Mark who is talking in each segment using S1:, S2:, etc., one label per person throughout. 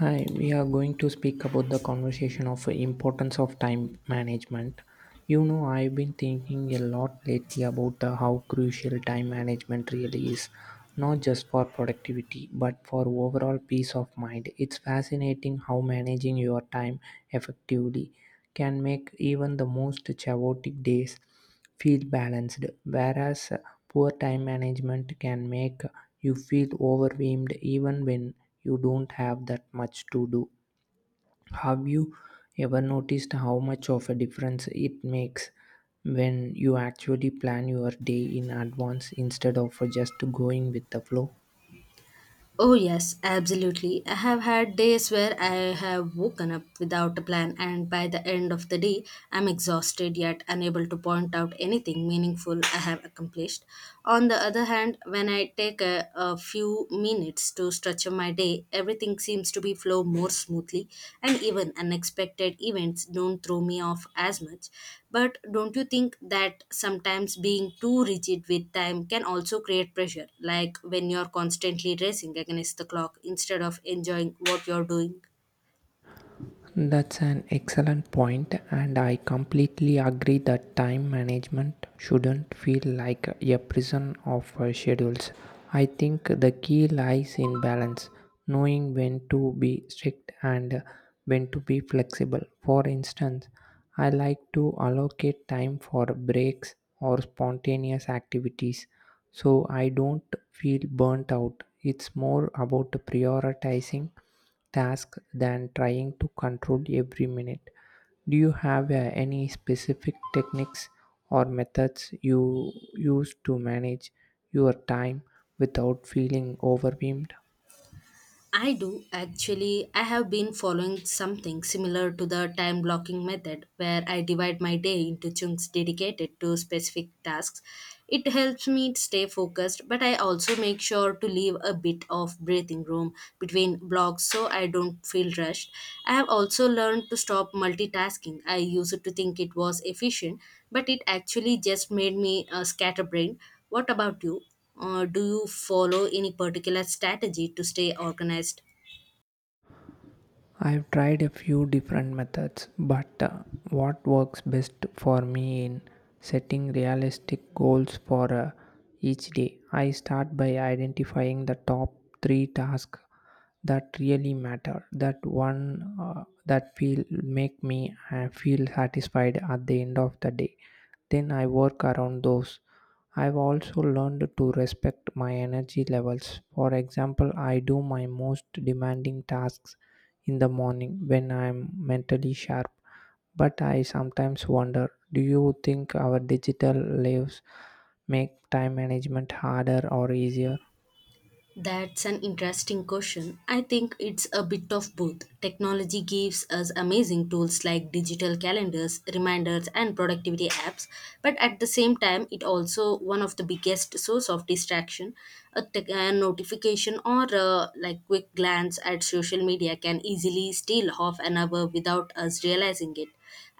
S1: Hi, we are going to speak about the conversation of importance of time management. I've been thinking a lot lately about how crucial time management really is, not just for productivity, but for overall peace of mind. It's fascinating how managing your time effectively can make even the most chaotic days feel balanced, whereas poor time management can make you feel overwhelmed even when you don't have that much to do. Have you ever noticed how much of a difference it makes when you actually plan your day in advance instead of just going with the flow?
S2: Oh, yes, absolutely. I have had days where I have woken up without a plan, and by the end of the day, I'm exhausted yet unable to point out anything meaningful I have accomplished. On the other hand, when I take a few minutes to structure my day, everything seems to be flow more smoothly, and even unexpected events don't throw me off as much. But don't you think that sometimes being too rigid with time can also create pressure, like when you're constantly racing against the clock instead of enjoying what you're doing?
S1: That's an excellent point, and I completely agree that time management shouldn't feel like a prison of schedules. I think the key lies in balance, knowing when to be strict and when to be flexible. For instance, I like to allocate time for breaks or spontaneous activities so I don't feel burnt out. It's more about prioritizing task than trying to control every minute. Do you have any specific techniques or methods you use to manage your time without feeling overwhelmed?
S2: I do actually. I have been following something similar to the time blocking method where I divide my day into chunks dedicated to specific tasks. It helps me stay focused, but I also make sure to leave a bit of breathing room between blocks so I don't feel rushed. I have also learned to stop multitasking. I used to think it was efficient, but it actually just made me scatterbrained. What about you? Or do you follow any particular strategy to stay organized?
S1: I've tried a few different methods, but what works best for me in setting realistic goals for each day? I start by identifying the top three tasks that really matter, that one that feel make me feel satisfied at the end of the day. Then I work around those. I've also learned to respect my energy levels. For example, I do my most demanding tasks in the morning when I'm mentally sharp. But I sometimes wonder, do you think our digital lives make time management harder or easier?
S2: That's an interesting question. I think it's a bit of both. Technology gives us amazing tools like digital calendars, reminders, and productivity apps, but at the same time, it also one of the biggest source of distraction. A notification or like, quick glance at social media can easily steal half an hour without us realizing it.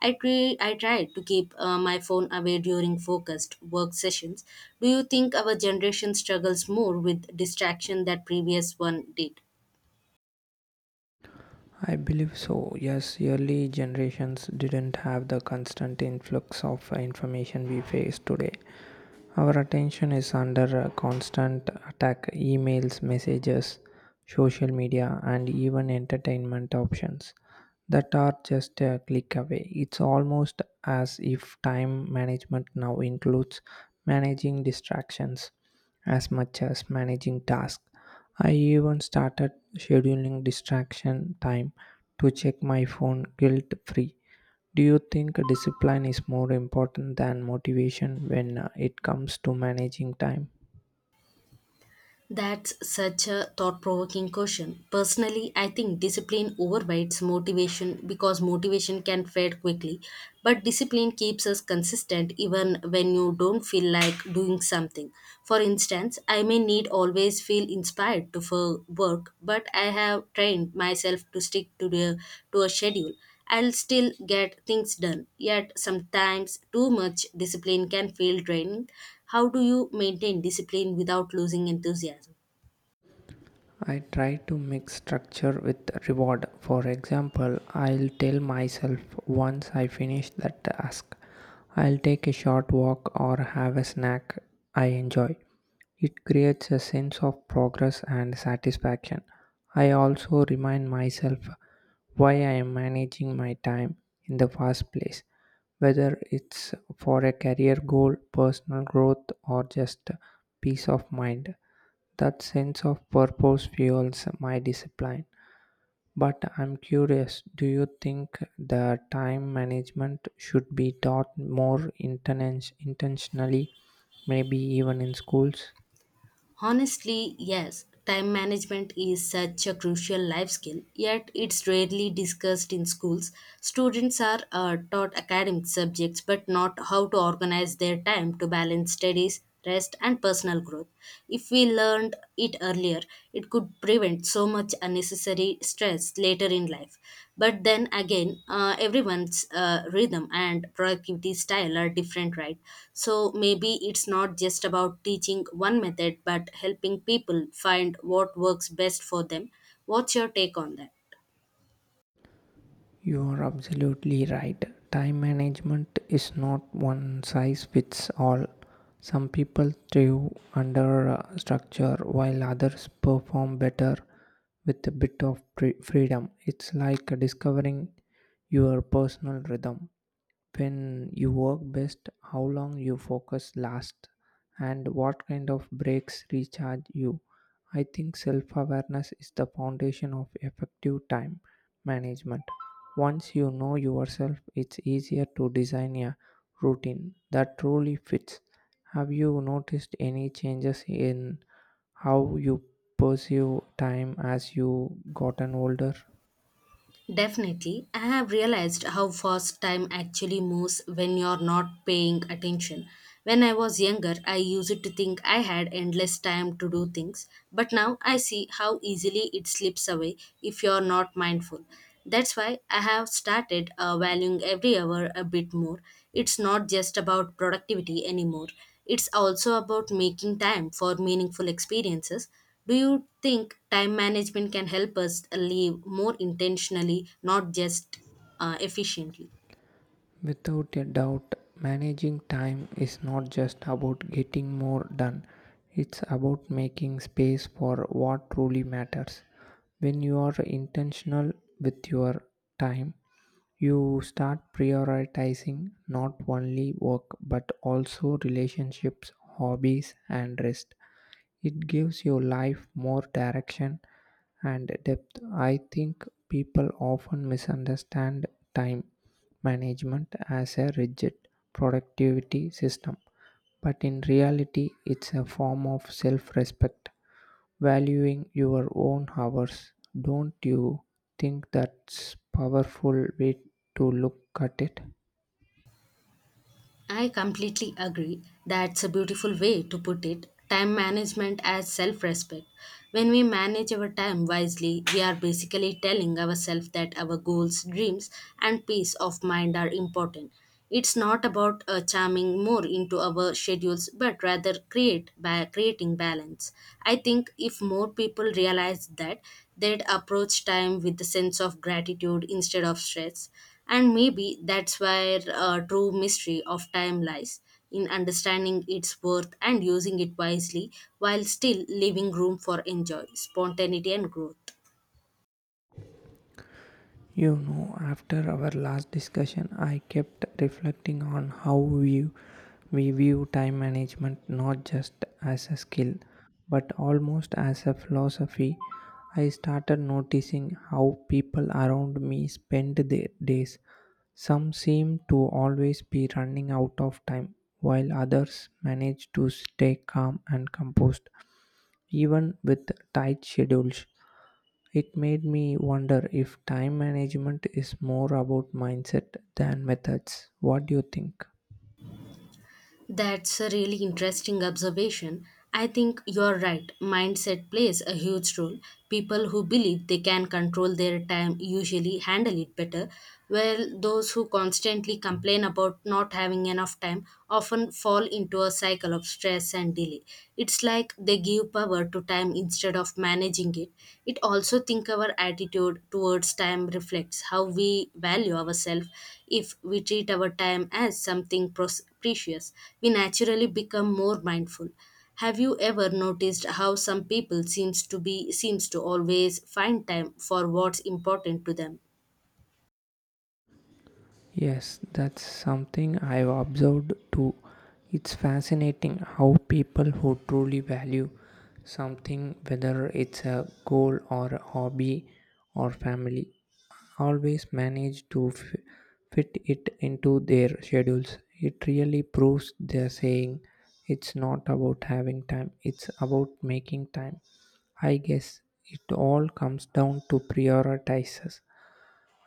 S2: I try to keep my phone away during focused work sessions. Do you think our generation struggles more with distraction than previous one did?
S1: I believe so. Yes, early generations didn't have the constant influx of information we face today. Our attention is under a constant attack: emails, messages, social media, and even entertainment options that are just a click away. It's almost as if time management now includes managing distractions as much as managing tasks. I even started scheduling distraction time to check my phone guilt free. Do you think discipline is more important than motivation when it comes to managing time?
S2: That's such a thought provoking question. Personally, I think discipline overrides motivation because motivation can fade quickly, but discipline keeps us consistent even when you don't feel like doing something. For instance, I may need always feel inspired to for work, but I have trained myself to stick to a schedule. I'll still get things done, yet sometimes too much discipline can feel draining. How do you maintain discipline without losing enthusiasm?
S1: I try to mix structure with reward. For example, I'll tell myself once I finish that task, I'll take a short walk or have a snack I enjoy. It creates a sense of progress and satisfaction. I also remind myself why I am managing my time in the first place, whether it's for a career goal, personal growth, or just peace of mind. That sense of purpose fuels my discipline. But I'm curious, do you think the time management should be taught more intentionally, maybe even in schools?
S2: Honestly, yes, time management is such a crucial life skill, yet it's rarely discussed in schools. Students are taught academic subjects but not how to organize their time to balance studies, rest, and personal growth. If we learned it earlier, it could also prevent so much unnecessary stress later in life. But then again, everyone's rhythm and productivity style are different, right? So maybe it's not just about teaching one method, but helping people find what works best for them. What's your take on that?
S1: You are absolutely right. Time management is not one size fits all. Some people thrive under structure while others perform better with a bit of freedom. It's like discovering your personal rhythm, when you work best, how long you focus last, and what kind of breaks recharge you. I think self awareness is the foundation of effective time management. Once you know yourself, it's easier to design a routine that truly fits. Have you noticed any changes in how you perceive time as you gotten older?
S2: Definitely, I have realized how fast time actually moves when you're not paying attention. When I was younger, I used to think I had endless time to do things, but now I see how easily it slips away if you're not mindful. That's why I have started valuing every hour a bit more. It's not just about productivity anymore, it's also about making time for meaningful experiences. Do you think time management can help us live more intentionally, not just efficiently?
S1: Without a doubt, managing time is not just about getting more done, it's about making space for what truly matters. When you are intentional with your time, you start prioritizing not only work but also relationships, hobbies, and rest. It gives your life more direction and depth. I think people often misunderstand time management as a rigid productivity system, but in reality, it's a form of self respect, valuing your own hours. Don't you think that's powerful way to look at it?
S2: I completely agree. That's a beautiful way to put it. Time management as self respect. When we manage our time wisely, we are basically telling ourselves that our goals, dreams, and peace of mind are important. It's not about charming more into our schedules, but rather create by creating balance. I think if more people realize that, they'd approach time with a sense of gratitude instead of stress. And maybe that's where true mystery of time lies, in understanding its worth and using it wisely while still leaving room for enjoy, spontaneity, and growth.
S1: After our last discussion, I kept reflecting on how we view time management not just as a skill, but almost as a philosophy. I started noticing how people around me spend their days. Some seem to always be running out of time, while others manage to stay calm and composed, even with tight schedules. It made me wonder if time management is more about mindset than methods. What do you think?
S2: That's a really interesting observation. I think you're right. Mindset plays a huge role. People who believe they can control their time usually handle it better, while those who constantly complain about not having enough time often fall into a cycle of stress and delay. It's like they give power to time instead of managing it. It also think our attitude towards time reflects how we value ourselves. If we treat our time as something precious, we naturally become more mindful. Have you ever noticed how some people seems to be seems to always find time for what's important to them?
S1: Yes, that's something I've observed too. It's fascinating how people who truly value something, whether it's a goal or a hobby or family, always manage to fit it into their schedules. It really proves their saying: it's not about having time, it's about making time. I guess it all comes down to prioritizes.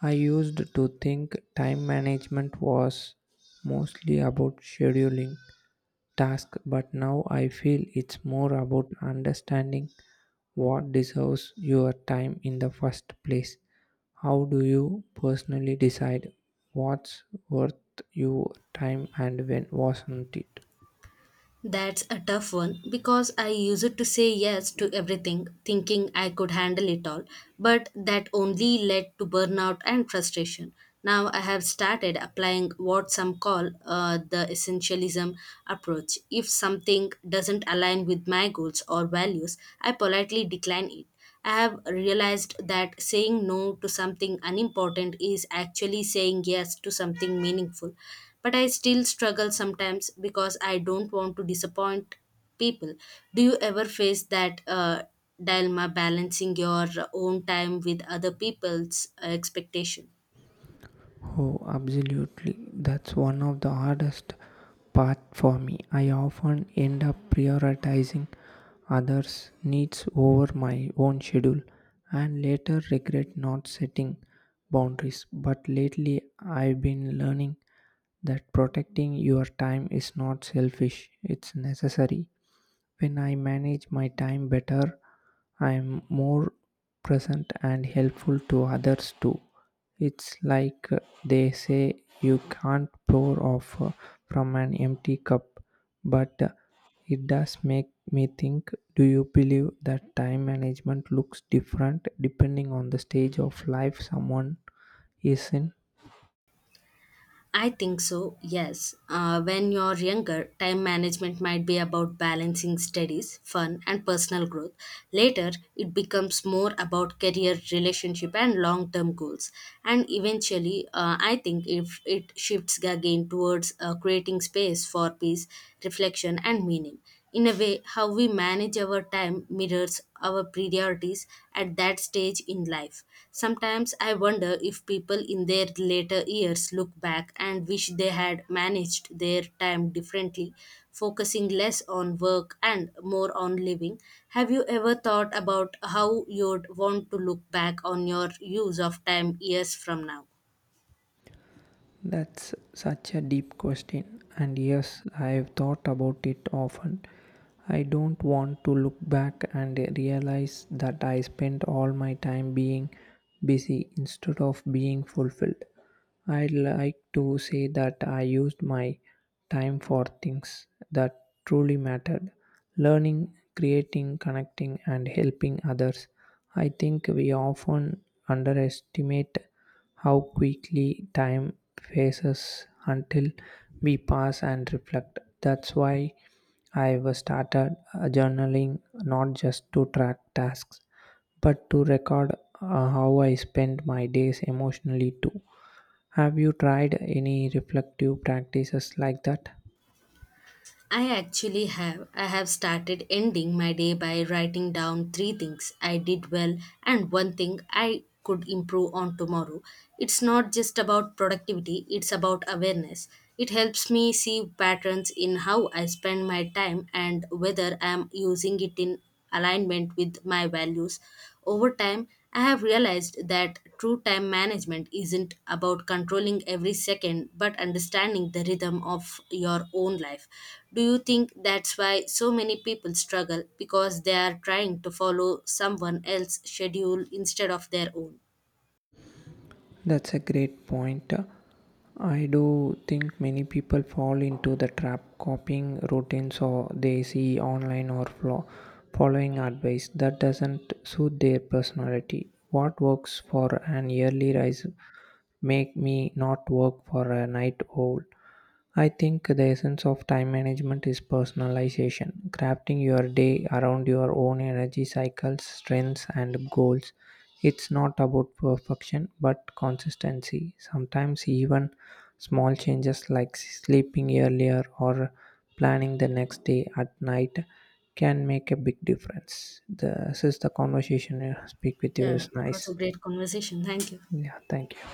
S1: I used to think time management was mostly about scheduling tasks, but now I feel it's more about understanding what deserves your time in the first place. How do you personally decide what's worth your time and when wasn't it?
S2: That's a tough one because I used to say yes to everything, thinking I could handle it all, but that only led to burnout and frustration. Now I have started applying what some call the essentialism approach. If something doesn't align with my goals or values, I politely decline it. I have realized that saying no to something unimportant is actually saying yes to something meaningful. But I still struggle sometimes because I don't want to disappoint people. Do you ever face that dilemma balancing your own time with other people's expectation?
S1: Oh, absolutely. That's one of the hardest part for me. I often end up prioritizing others' needs over my own schedule and later regret not setting boundaries. But lately I've been learning that protecting your time is not selfish, it's necessary. When I manage my time better, I am more present and helpful to others too. It's like they say you can't pour off from an empty cup, but it does make me think, do you believe that time management looks different depending on the stage of life someone is in?
S2: I think so, yes. When you're younger, time management might be about balancing studies, fun, and personal growth. Later, it becomes more about career, relationship, and long term goals. And eventually, I think if it shifts again towards creating space for peace, reflection, and meaning. In a way, how we manage our time mirrors our priorities at that stage in life. Sometimes I wonder if people in their later years look back and wish they had managed their time differently, focusing less on work and more on living. Have you ever thought about how you'd want to look back on your use of time years from now?
S1: That's such a deep question, and yes, I've thought about it often. I don't want to look back and realize that I spent all my time being busy instead of being fulfilled. I'd like to say that I used my time for things that truly mattered: learning, creating, connecting, and helping others. I think we often underestimate how quickly time passes until we pass and reflect. That's why I was started journaling not just to track tasks but to record how I spend my days emotionally too. Have you tried any reflective practices like that?
S2: I actually have. I have started ending my day by writing down three things I did well and one thing I could improve on tomorrow. It's not just about productivity, it's about awareness. It helps me see patterns in how I spend my time and whether I'm using it in alignment with my values. Over time, I have realized that true time management isn't about controlling every second but understanding the rhythm of your own life. Do you think that's why so many people struggle because they are trying to follow someone else's schedule instead of their own?
S1: That's a great point. I do think many people fall into the trap copying routines or they see online or following advice that doesn't suit their personality. What works for an early rise make me not work for a night owl. I think the essence of time management is personalization, crafting your day around your own energy cycles, strengths, and goals. It's not about perfection but consistency. Sometimes, even small changes like sleeping earlier or planning the next day at night can make a big difference. This is the conversation I speak with you
S2: Yeah,
S1: is
S2: it was a
S1: nice,
S2: great conversation. Thank you.
S1: yeah, thank you.